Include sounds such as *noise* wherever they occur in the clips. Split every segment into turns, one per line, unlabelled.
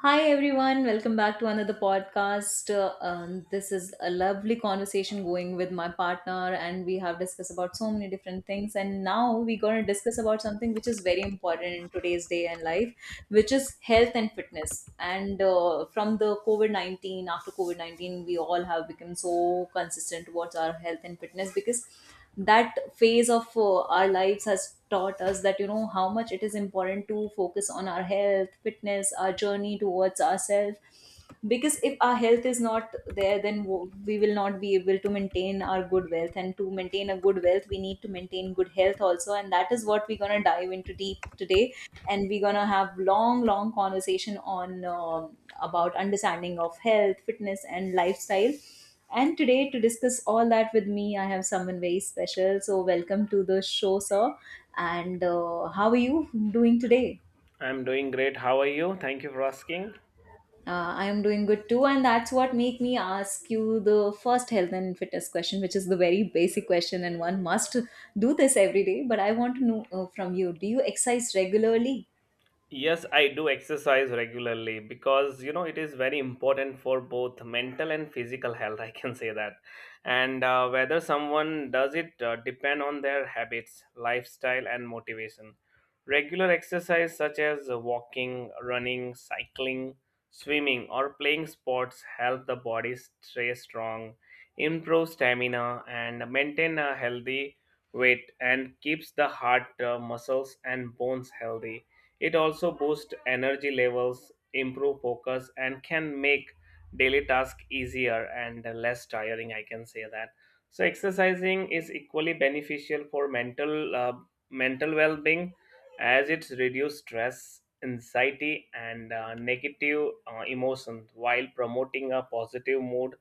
Hi everyone, welcome back to another podcast. This is a lovely conversation going with my partner, and we have discussed about so many different things. And now we're going to discuss about something which is very important in today's day and life, which is health and fitness. And from the COVID 19, after COVID 19, we all have become so consistent towards our health and fitness, because that phase of our lives has taught us that how much it is important to focus on our health, fitness, our journey towards ourselves. Because if our health is not there, then we will not be able to maintain our good wealth, and to maintain a good wealth we need to maintain good health also. And that is what we're going to dive into deep today, and we're going to have long, long conversation on about understanding of health, fitness and lifestyle. And today, to discuss all that with me, I have someone very special. So, welcome to the show, sir. And how are you doing today?
I'm doing great. How are you? Thank you for asking.
I am doing good too, and that's what make me ask you the first health and fitness question, which is the very basic question, and one must do this every day. But I want to know, from you: do you exercise regularly?
Yes, I do exercise regularly because it is very important for both mental and physical health. *laughs* I can say that, and whether someone does it depend on their habits, lifestyle, and motivation. Regular exercise such as walking, running, cycling, swimming, or playing sports help the body stay strong, improve stamina, and maintain a healthy weight, and keeps the heart, muscles, and bones healthy. It also boosts energy levels, improve focus, and can make daily tasks easier and less tiring. I can say that. So exercising is equally beneficial for mental well-being, as it reduces stress, anxiety, and negative emotions, while promoting a positive mood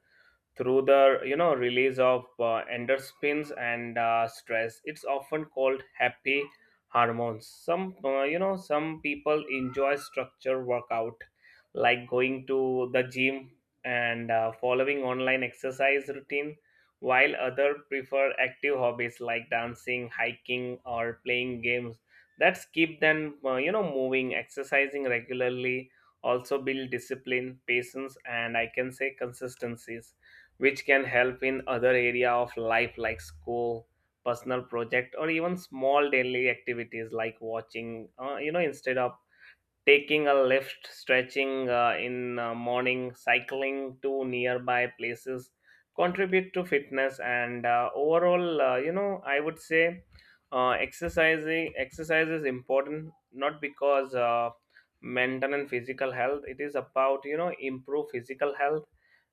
through the release of endorphins and stress. It's often called happy hormones. Some uh, you know some people enjoy structure workout like going to the gym and following online exercise routine, while other prefer active hobbies like dancing, hiking, or playing games that keep them moving. Exercising regularly also build discipline, patience, and I can say consistencies, which can help in other area of life like school, personal project, or even small daily activities like watching instead of taking a lift, stretching in morning, cycling to nearby places contribute to fitness and overall. I would say, exercising exercise is important, not because mental physical health, it is about improve physical health,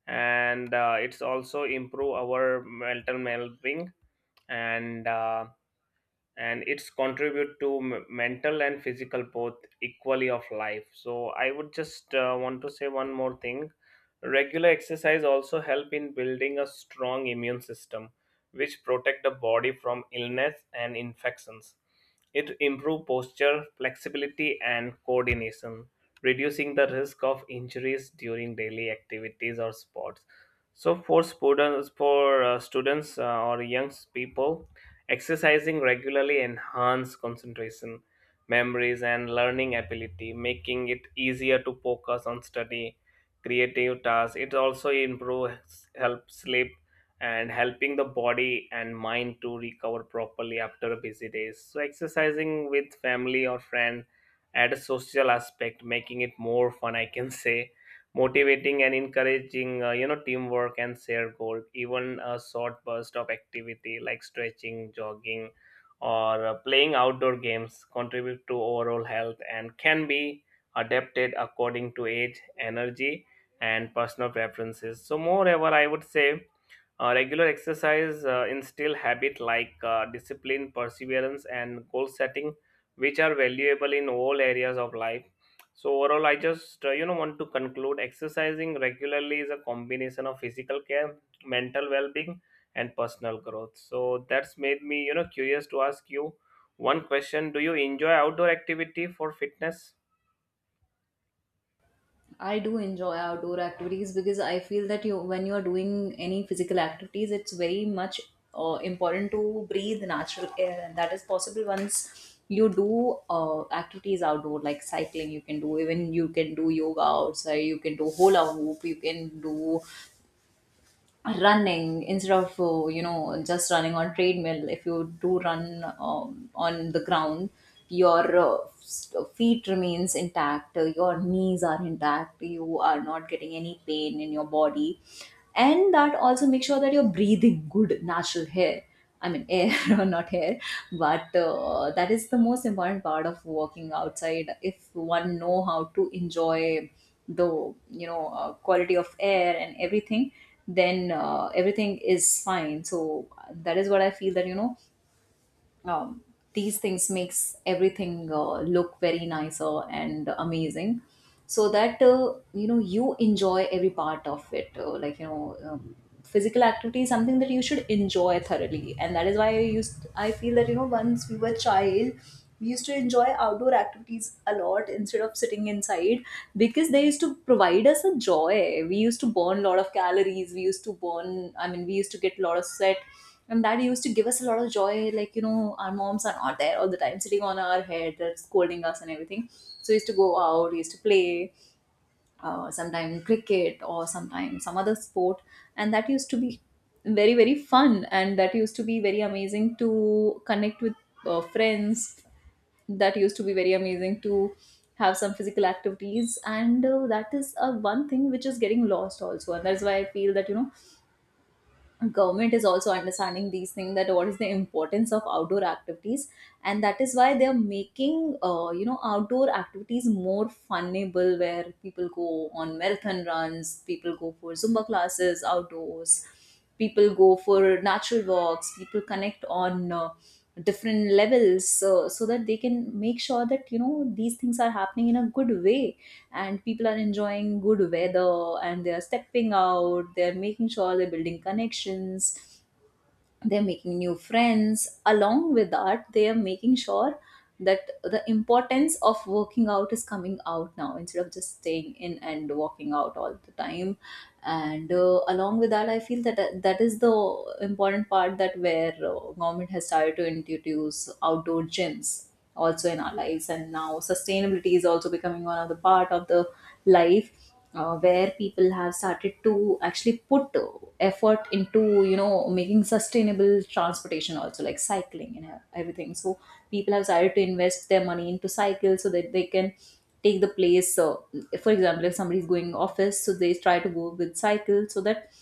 and it's also improve our mental well-being, and uh, and it's contribute to mental and physical both equally of life. So I would just want to say one more thing. Regular exercise also help in building a strong immune system, which protect the body from illness and infections. It improve posture, flexibility, and coordination, reducing the risk of injuries during daily activities or sports. So for students or young people, exercising regularly enhances concentration, memories, and learning ability, making it easier to focus on study, creative tasks. It also improves help sleep and helping the body and mind to recover properly after busy days. So exercising with family or friend add a social aspect, making it more fun, I can say, motivating and encouraging teamwork and shared goal. Even a short burst of activity like stretching, jogging, or playing outdoor games contribute to overall health and can be adapted according to age, energy, and personal preferences. So moreover, I would say regular exercise instill habit like discipline, perseverance, and goal setting, which are valuable in all areas of life. So overall, I just want to conclude, exercising regularly is a combination of physical care, mental well-being, and personal growth. So that's made me curious to ask you one question: Do you enjoy outdoor activity for fitness?
I do enjoy outdoor activities, because I feel that you when you are doing any physical activities, it's very much important to breathe natural air, and that is possible once you do activities outdoor like cycling. You can do even you can do yoga outside. You can do hula hoop. You can do running instead of just running on treadmill. If you do run on the ground, your feet remains intact, your knees are intact, you are not getting any pain in your body, and that also make sure that you're breathing good natural air. I mean, air *laughs* or not hair, but that is the most important part of working outside. If one know how to enjoy the quality of air and everything, then everything is fine. So that is what I feel, that um, these things makes everything look very nicer and amazing, so that you enjoy every part of it, like physical activity is something that you should enjoy thoroughly. And that is why I feel that once we were child, we used to enjoy outdoor activities a lot instead of sitting inside, because they used to provide us a joy. We used to burn a lot of calories, we used to burn, I mean, we used to get a lot of sweat, and that used to give us a lot of joy. Like, our moms are not there all the time sitting on our head, they scolding us and everything, so we used to go out, we used to play sometimes cricket or sometimes some other sport, and that used to be very, very fun, and that used to be very amazing to connect with friends. That used to be very amazing to have some physical activities, and that is one thing which is getting lost also, and that's why I feel that government is also understanding these things, that what is the importance of outdoor activities. And that is why they are making, outdoor activities more funnable, where people go on marathon runs, people go for zumba classes outdoors, people go for natural walks, people connect on different levels, so that they can make sure that these things are happening in a good way and people are enjoying good weather, and they are stepping out, they're making sure they're building connections, they're making new friends. Along with that, they are making sure that the importance of working out is coming out now, instead of just staying in and walking out all the time. And along with that, I feel that that is the important part, that where government has started to introduce outdoor gyms also in our lives. And now sustainability is also becoming one of the part of the life, where people have started to actually put effort into, making sustainable transportation also, like cycling and everything. So people have started to invest their money into cycles so that they can take the place. So for example, if somebody is going office, so they try to go with cycle, so that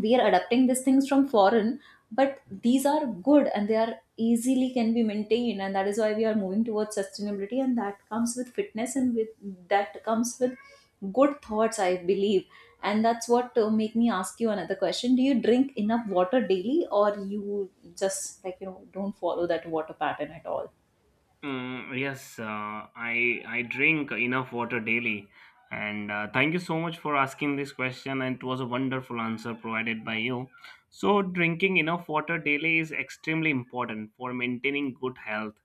we are adapting these things from foreign. But these are good and they are easily can be maintained, and that is why we are moving towards sustainability, and that comes with fitness, and with that comes with good thoughts, I believe. And that's what make me ask you another question: do you drink enough water daily, or you just, like, don't follow that water pattern at all?
Mm, yes, I drink enough water daily, and thank you so much for asking this question. And it was a wonderful answer provided by you. So, drinking enough water daily is extremely important for maintaining good health,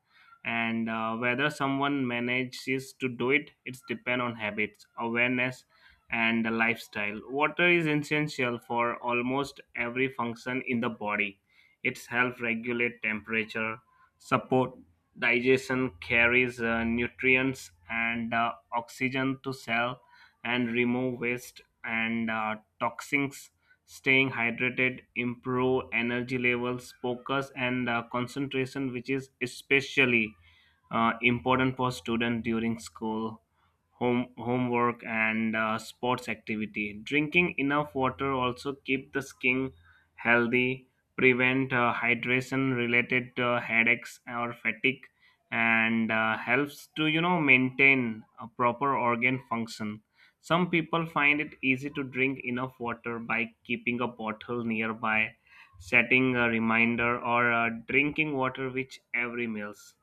and whether someone manages to do it, it's depend on habits, awareness, and the lifestyle. Water is essential for almost every function in the body. It's help regulate temperature, support digestion, carries nutrients and oxygen to cell, and remove waste and toxins. Staying hydrated improve energy levels, focus, and concentration, which is especially important for students during school, homework, and sports activity. Drinking enough water also keep the skin healthy, prevent hydration related headaches or fatigue, and helps to maintain a proper organ function. Some people find it easy to drink enough water by keeping a bottle nearby, setting a reminder, or drinking water with every meals,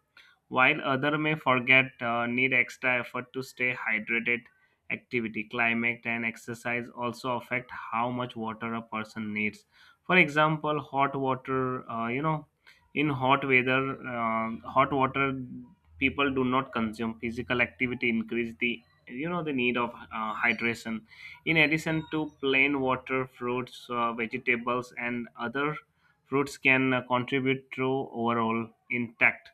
while other may forget, need extra effort to stay hydrated. Activity, climate, and exercise also affect how much water a person needs. For example, hot water, in hot weather, hot water people do not consume, physical activity increase the you know the need of hydration. In addition to plain water, fruits, vegetables, and other fruits can contribute to overall intact,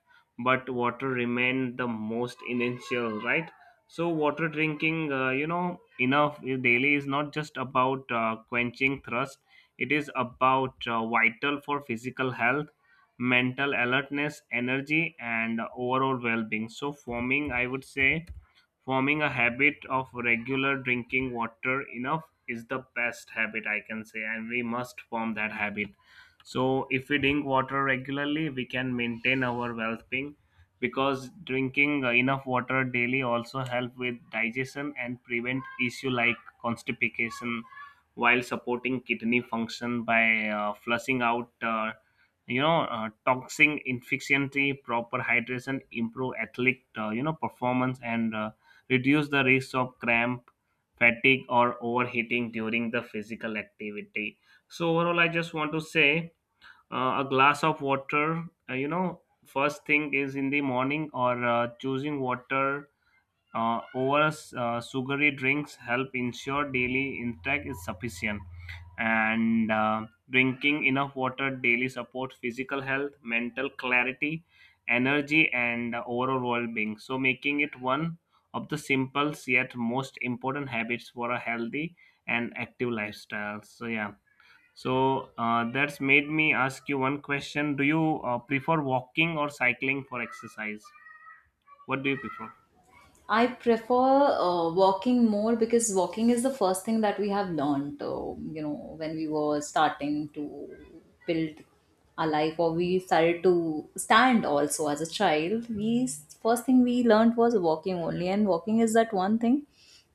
but water remained the most essential, right? So water, drinking enough daily, is not just about quenching thirst. It is about vital for physical health, mental alertness, energy, and overall well-being. So for me, I would say forming a habit of regular drinking water enough is the best habit, I can say, and we must form that habit. So if we drink water regularly, we can maintain our well being, because drinking enough water daily also help with digestion and prevent issue like constipation, while supporting kidney function by flushing out toxin efficiency. Proper hydration improve athletic performance and reduce the risk of cramp, fatigue, or overheating during the physical activity. So, overall, I just want to say, a glass of water, first thing is in the morning, or choosing water over sugary drinks help ensure daily intake is sufficient, and drinking enough water daily supports physical health, mental clarity, energy, and overall well-being, so making it one of the simplest yet most important habits for a healthy and active lifestyle. So yeah, so that's made me ask you one question: Do you prefer walking or cycling for exercise? What do you prefer?
I prefer walking more, because walking is the first thing that we have learned, when we were starting to build our life, or we started to stand also as a child. We First thing we learned was walking only, and walking is that one thing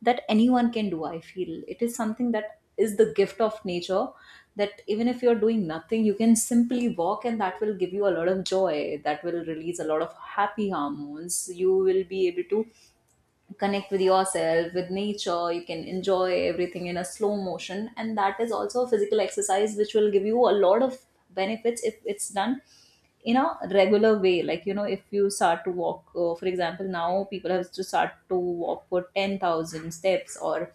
that anyone can do. I feel it is something that is the gift of nature, that even if you're doing nothing, you can simply walk, and that will give you a lot of joy. That will release a lot of happy hormones. You will be able to connect with yourself, with nature, you can enjoy everything in a slow motion, and that is also a physical exercise which will give you a lot of benefits if it's done in a regular way. Like, if you start to walk, for example, now people have to start to walk for 10,000 steps or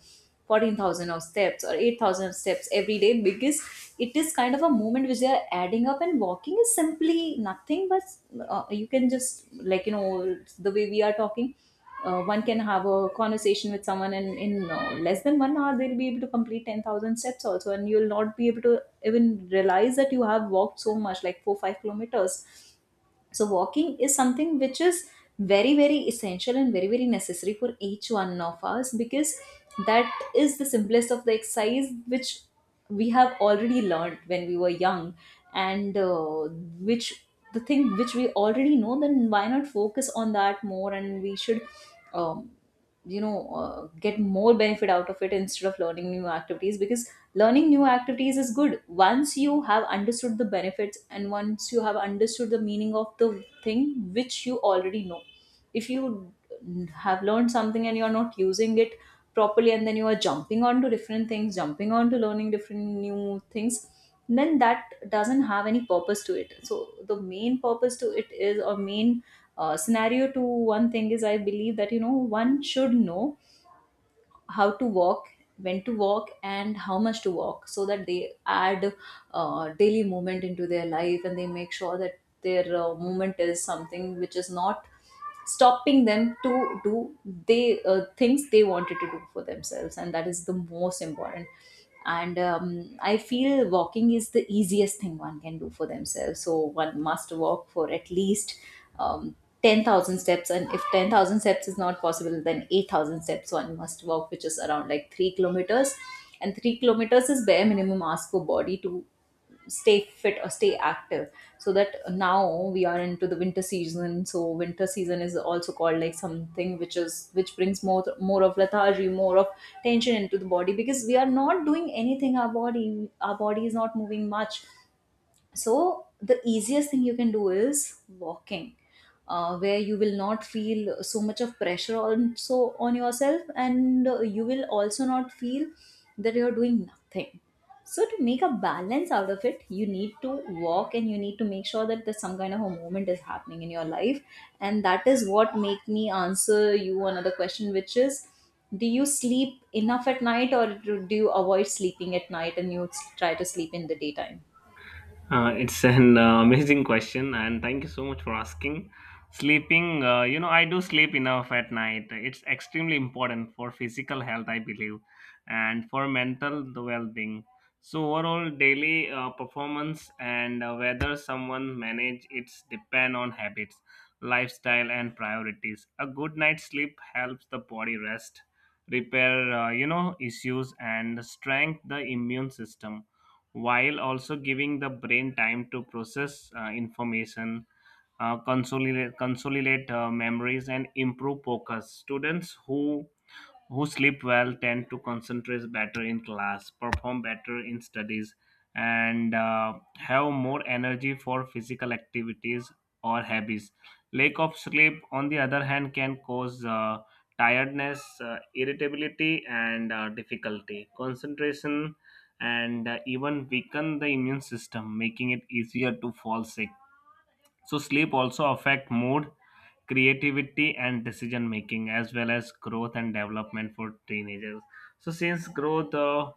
14,000 of steps or 8,000 steps every day, because it is kind of a movement which they are adding up. And walking is simply nothing but, you can just, like, the way we are talking, one can have a conversation with someone, and in less than 1 hour they'll be able to complete 10,000 steps also, and you'll not be able to even realize that you have walked so much, like 4 5 kilometers. So walking is something which is very, very essential and very, very necessary for each one of us, because that is the simplest of the exercise which we have already learned when we were young. And which, the thing which we already know, then why not focus on that more, and we should, um, get more benefit out of it instead of learning new activities. Because learning new activities is good once you have understood the benefits and once you have understood the meaning of the thing which you already know. If you have learned something and you're not using it properly, and then you are jumping on to different things, jumping on to learning different new things, then that doesn't have any purpose to it. So the main purpose to it is, or main scenario to one thing is, I believe that one should know how to walk, when to walk and how much to walk, so that they add daily movement into their life, and they make sure that their movement is something which is not stopping them to do, they things they wanted to do for themselves. And that is the most important. And I feel walking is the easiest thing one can do for themselves, so one must walk for at least, um, 10,000 steps, and if 10,000 steps is not possible, then 8,000 steps one must walk, which is around like 3 kilometers. And 3 kilometers is bare minimum ask for body to stay fit or stay active. So that now we are into the winter season, so winter season is also called like something which is, which brings more of lethargy, more of tension into the body, because we are not doing anything. Our body is not moving much, so the easiest thing you can do is walking, where you will not feel so much of pressure also on yourself, and you will also not feel that you are doing nothing. So to make a balance out of it, you need to walk, and you need to make sure that there's some kind of a movement is happening in your life. And that is what make me answer you another question, which is: do you sleep enough at night, or do you avoid sleeping at night and you try to sleep in the daytime?
It's an amazing question, and thank you so much for asking. Sleeping, I do sleep enough at night. It's extremely important for physical health, I believe, and for mental well-being. So overall, daily performance, and whether someone manage, it's depend on habits, lifestyle, and priorities. A good night's sleep helps the body rest, repair, issues, and strengthen the immune system, while also giving the brain time to process information, consolidate memories, and improve focus. Students who sleep well tend to concentrate better in class, perform better in studies, and have more energy for physical activities or hobbies. Lack of sleep, on the other hand, can cause tiredness, irritability, and difficulty, concentration, and even weaken the immune system, making it easier to fall sick. So, sleep also affect mood, creativity, and decision making, as well as growth and development for teenagers. So since growth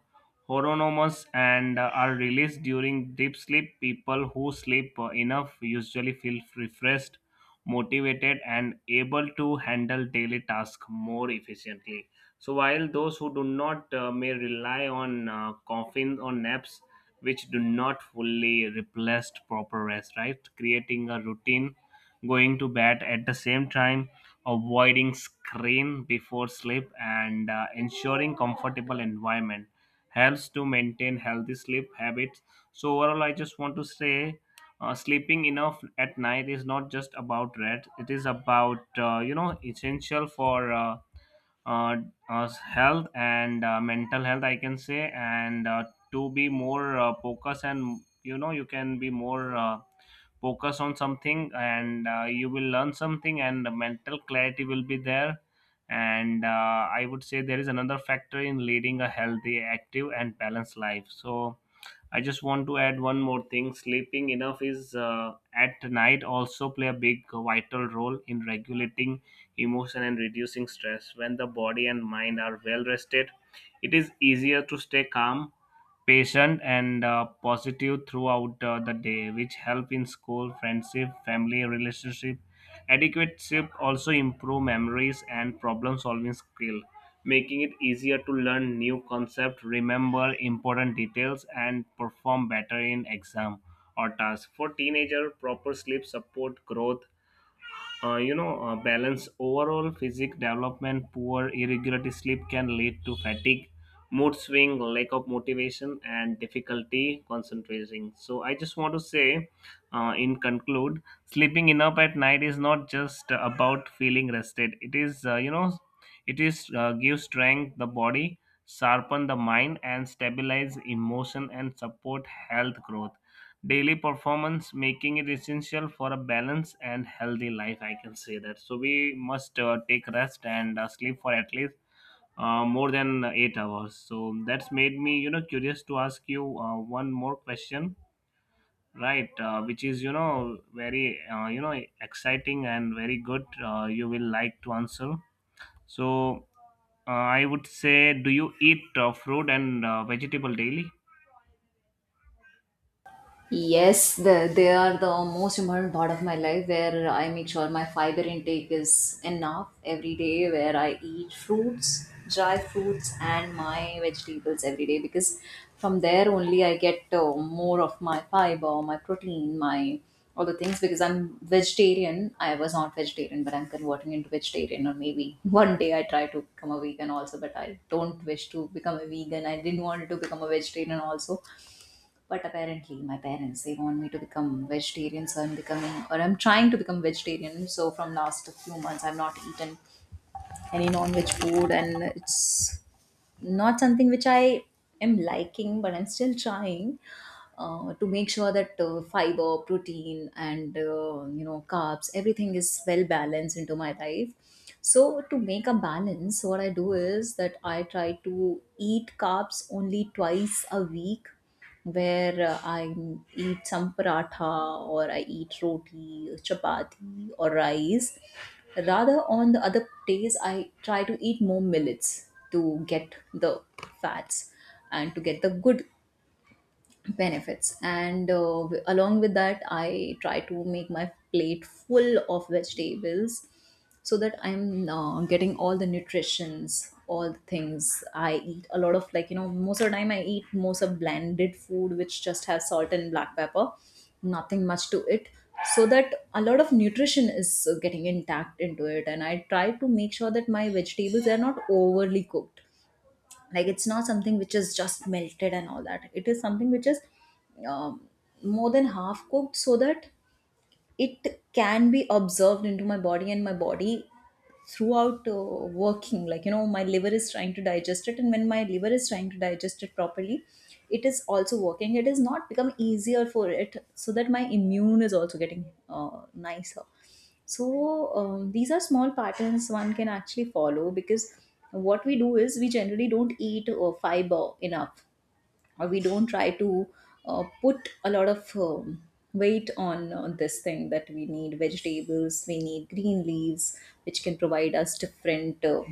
hormones and are released during deep sleep, people who sleep enough usually feel refreshed, motivated, and able to handle daily tasks more efficiently. So while those who do not, may rely on coffin or naps, which do not fully replace proper rest, right? Creating a routine, going to bed at the same time, avoiding screen before sleep, and ensuring comfortable environment helps to maintain healthy sleep habits. So overall, I just want to say, sleeping enough at night is not just about rest; it is about essential for uh, health and mental health, I can say, and to be more focused, and you can be more focus on something, and you will learn something, and the mental clarity will be there. And I would say there is another factor in leading a healthy, active, and balanced life. So I just want to add one more thing. Sleeping enough is at night also play a big vital role in regulating emotion and reducing stress. When the body and mind are well rested, it is easier to stay calm, patient, and positive throughout the day, which help in school, friendship, family relationship. Adequate sleep also improve memories and problem solving skill, making it easier to learn new concept, remember important details, and perform better in exam or task. For teenager, proper sleep support growth, balance overall physique development. Poor irregular sleep can lead to fatigue, mood swing, lack of motivation, and difficulty concentrating. So I just want to say, in conclude, sleeping enough at night is not just about feeling rested. It is uh, you know it is uh, give strength the body, sharpen the mind, and stabilize emotion, and support health growth, daily performance, making it essential for a balanced and healthy life, I can say that. So we must take rest and sleep for at least more than 8 hours. So that's made me curious to ask you one more question, right? Which is very exciting, and very good, you will like to answer. So I would say, do you eat fruit and vegetable daily?
Yes, they are the most important part of my life where I make sure my fiber intake is enough every day, where I eat fruits, dry fruits, and my vegetables every day because from there only I get more of my fiber, my protein, my all the things because I'm vegetarian. I was not vegetarian, but I'm converting into vegetarian, or maybe *laughs* one day I try to become a vegan also, but I don't wish to become a vegan. I didn't want to become a vegetarian also, but apparently my parents, they want me to become vegetarian, so I'm becoming, or I'm trying to become vegetarian. So from last few months, I've not eaten any non-veg food, and it's not something which I am liking, but I'm still trying to make sure that fiber, protein, and carbs, everything is well balanced into my life. So to make a balance, what I do is that I try to eat carbs only twice a week, where I eat some paratha, or I eat roti, chapati, or rice. Rather, on the other days, I try to eat more millets to get the fats and to get the good benefits. And along with that, I try to make my plate full of vegetables, so that I'm getting all the nutritions, all the things. I eat a lot of, like, most of the time I eat most of blended food, which just has salt and black pepper, nothing much to it, so that a lot of nutrition is getting intact into it. And I try to make sure that my vegetables are not overly cooked, like it's not something which is just melted and all that. It is something which is, um, more than half cooked, so that it can be observed into my body, and my body throughout working, like, my liver is trying to digest it, and when my liver is trying to digest it properly, it is also working. It has not become easier for it, so that my immune is also getting nicer. So, these are small patterns one can actually follow, because what we do is we generally don't eat fiber enough, or we don't try to put a lot of weight on this thing, that we need vegetables, we need green leaves, which can provide us different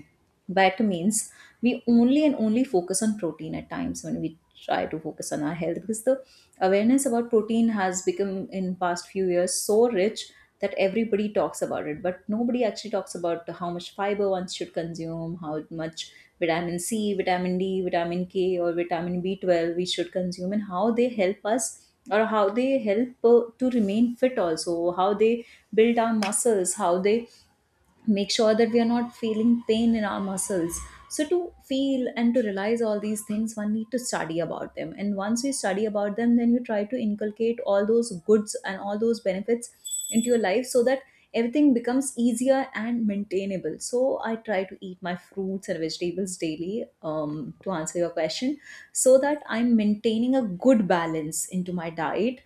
vitamins. We only and only focus on protein at times when we try to focus on our health, because the awareness about protein has become in past few years so rich that everybody talks about it, but nobody actually talks about how much fiber one should consume, how much vitamin C, vitamin D, vitamin K, or vitamin B12 we should consume, and how they help us, or how they help to remain fit, also how they build our muscles, how they make sure that we are not feeling pain in our muscles. So, to feel and to realize all these things, one need to study about them. And once you study about them, then you try to inculcate all those goods and all those benefits into your life, so that everything becomes easier and maintainable. So, I try to eat my fruits and vegetables daily, to answer your question, so that I'm maintaining a good balance into my diet.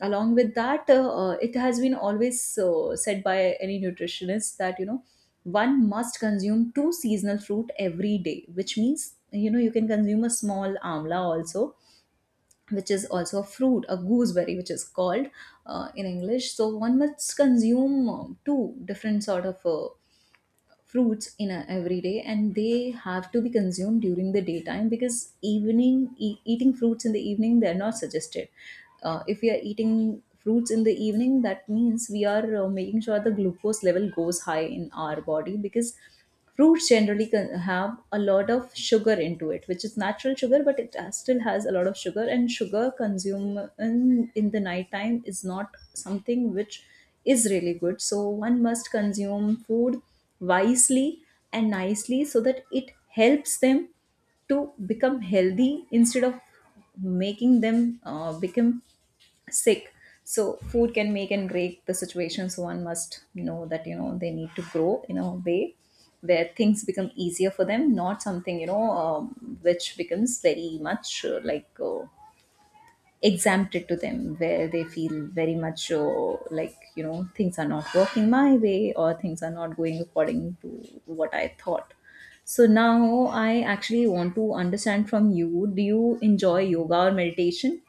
Along with that, it has been always said by any nutritionist that, one must consume two seasonal fruit every day, which means, you can consume a small amla also, which is also a fruit, a gooseberry, which is called in English. So one must consume two different sort of fruits every day, and they have to be consumed during the daytime, because evening, eating fruits in the evening, they're not suggested. If we are eating fruits in the evening, that means we are making sure the glucose level goes high in our body, because roots generally can have a lot of sugar into it, which is natural sugar, but it still has a lot of sugar. And sugar consumed in the nighttime is not something which is really good. So one must consume food wisely and nicely, so that it helps them to become healthy, instead of making them become sick. So food can make and break the situation. So one must know that, they need to grow in a way where things become easier for them, not something, which becomes very much, like, exempted to them, where they feel very much, like, things are not working my way, or things are not going according to what I thought. So now I actually want to understand from you, do you enjoy yoga or meditation?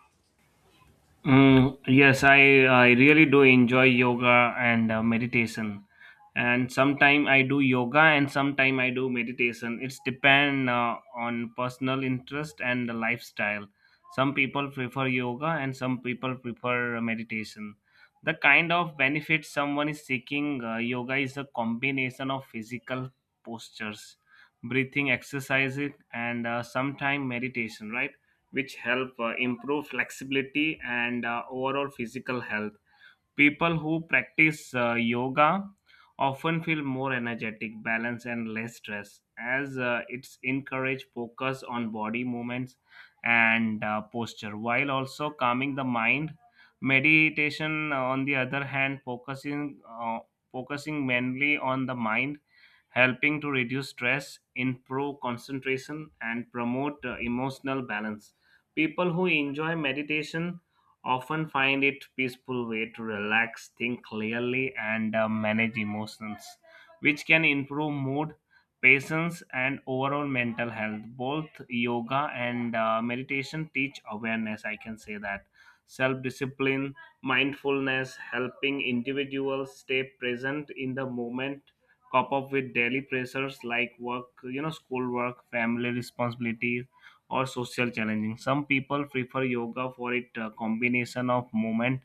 Mm, yes, I really do enjoy yoga and meditation. And sometime I do yoga and sometime I do meditation. It's depend on personal interest and the lifestyle. Some people prefer yoga and some people prefer meditation. The kind of benefit someone is seeking, yoga is a combination of physical postures, breathing exercises, and sometime meditation, right? Which help improve flexibility and overall physical health. People who practice yoga often feel more energetic, balanced, and less stressed, as it's encourage focus on body movements and posture, while also calming the mind. Meditation, on the other hand, focusing mainly on the mind, helping to reduce stress, improve concentration, and promote emotional balance. People who enjoy meditation often find it peaceful way to relax, think clearly, and manage emotions, which can improve mood, patience, and overall mental health. Both yoga and meditation teach awareness, I can say that: self-discipline, mindfulness, helping individuals stay present in the moment, cop up with daily pressures like work, schoolwork, family responsibilities, or social challenging. Some people prefer yoga for it combination of movement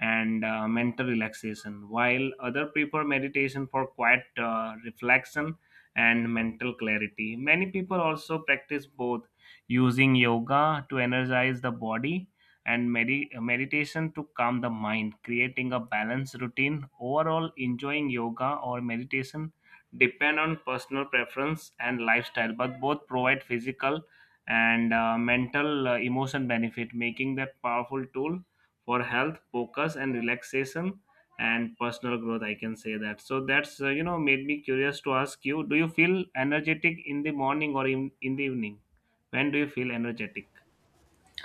and mental relaxation, while other prefer meditation for quiet reflection and mental clarity. Many people also practice both, using yoga to energize the body and meditation to calm the mind, creating a balanced routine. Overall, enjoying yoga or meditation depend on personal preference and lifestyle, but both provide physical and mental emotion benefit, making that powerful tool for health, focus, and relaxation, and personal growth. I can say that. So that's made me curious to ask you: Do you feel energetic in the morning or in the evening? When do you feel energetic?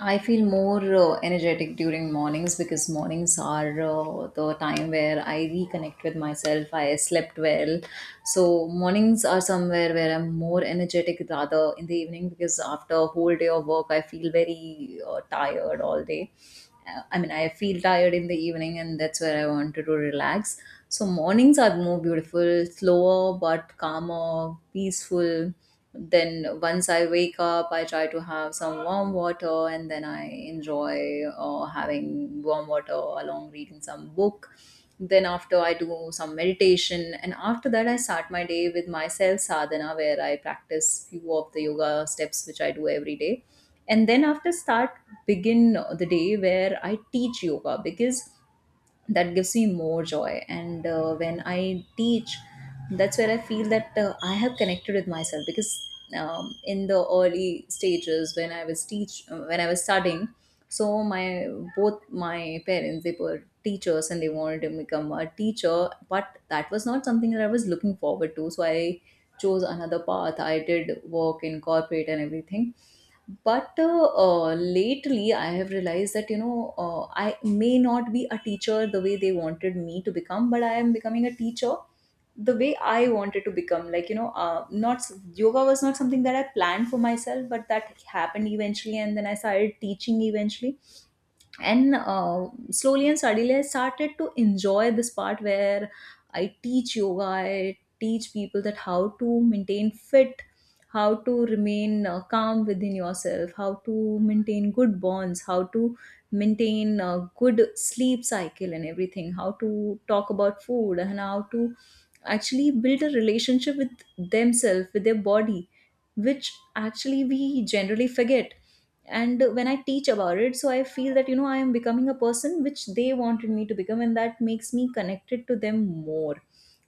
I feel more energetic during mornings, because mornings are the time where I reconnect with myself. I slept well. So, mornings are somewhere where I'm more energetic, rather in the evening, because after a whole day of work, I feel very tired all day. I mean, I feel tired in the evening, and that's where I wanted to relax. So, mornings are more beautiful, slower, but calmer, peaceful. Then once I wake up, I try to have some warm water, and then I enjoy having warm water along reading some book. Then after I do some meditation, and after that I start my day with myself sadhana, where I practice few of the yoga steps which I do every day. And then after start begin the day where I teach yoga, because that gives me more joy. And when I teach, that's where I feel that I have connected with myself. Because, in the early stages, when I was studying, so my both my parents, they were teachers, and they wanted to become a teacher, but that was not something that I was looking forward to. So I chose another path. I did work in corporate and everything. But lately I have realized that, I may not be a teacher the way they wanted me to become, but I am becoming a teacher the way I wanted to become. Like, you know not yoga was not something that I planned for myself, but that happened eventually, and then I started teaching eventually. And slowly and steadily, I started to enjoy this part where I teach yoga, I teach people that how to maintain fit, how to remain calm within yourself, how to maintain good bonds, how to maintain a good sleep cycle and everything, how to talk about food, and how to actually build a relationship with themselves, with their body, which actually we generally forget. And when I teach about it, so I feel that, I am becoming a person which they wanted me to become, and that makes me connected to them more.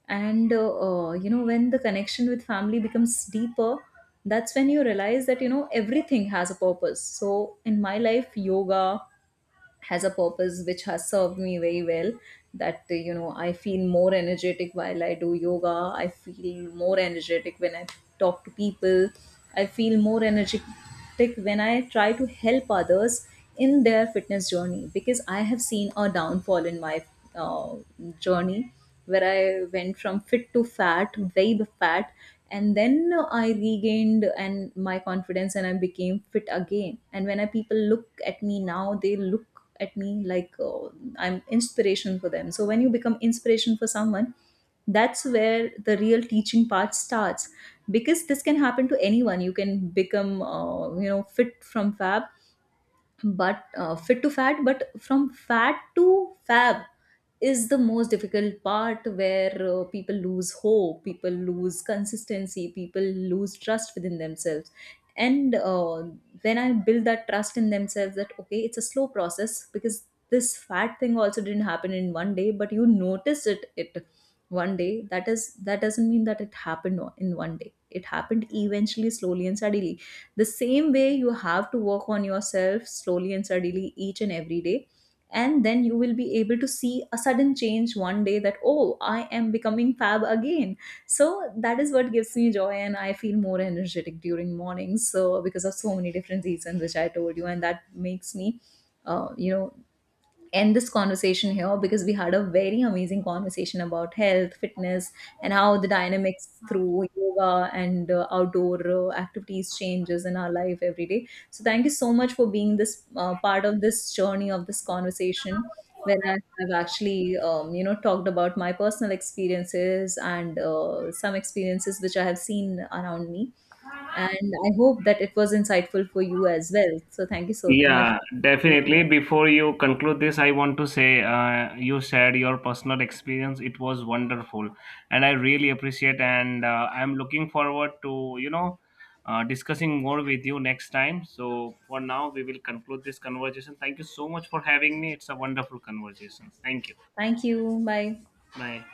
And when the connection with family becomes deeper, that's when you realize that, everything has a purpose. So in my life, yoga has a purpose which has served me very well, that I feel more energetic while I do yoga, I feel more energetic when I talk to people, I feel more energetic when I try to help others in their fitness journey, because I have seen a downfall in my uh, journey, where I went from fit to fat, very fat. And then I regained and my confidence, and I became fit again. And when people look at me now, they look at me like, I'm inspiration for them. So when you become inspiration for someone, that's where the real teaching part starts, because this can happen to anyone. You can become, fit from fab, but fit to fat, but from fat to fab is the most difficult part, where people lose hope, people lose consistency, people lose trust within themselves. And when I build that trust in themselves, that okay, it's a slow process, because this fat thing also didn't happen in one day, but you notice it one day. That doesn't mean that it happened in one day. It happened eventually, slowly and steadily. The same way you have to work on yourself slowly and steadily each and every day, and then you will be able to see a sudden change one day, that oh, I am becoming fab again. So that is what gives me joy, and I feel more energetic during mornings. So because of so many different reasons which I told you, and that makes me, uh, you know end this conversation here, because we had a very amazing conversation about health, fitness, and how the dynamics through yoga and outdoor activities changes in our life every day. So thank you so much for being this part of this journey, of this conversation, where I have actually, talked about my personal experiences, and some experiences which I have seen around me. And I hope that it was insightful for you as well. So thank you so much.
Yeah, definitely. Before you conclude this, I want to say, you shared your personal experience. It was wonderful, and I really appreciate. And I'm looking forward to discussing more with you next time. So for now, we will conclude this conversation. Thank you so much for having me. It's a wonderful conversation. Thank you.
Thank you. Bye.
Bye.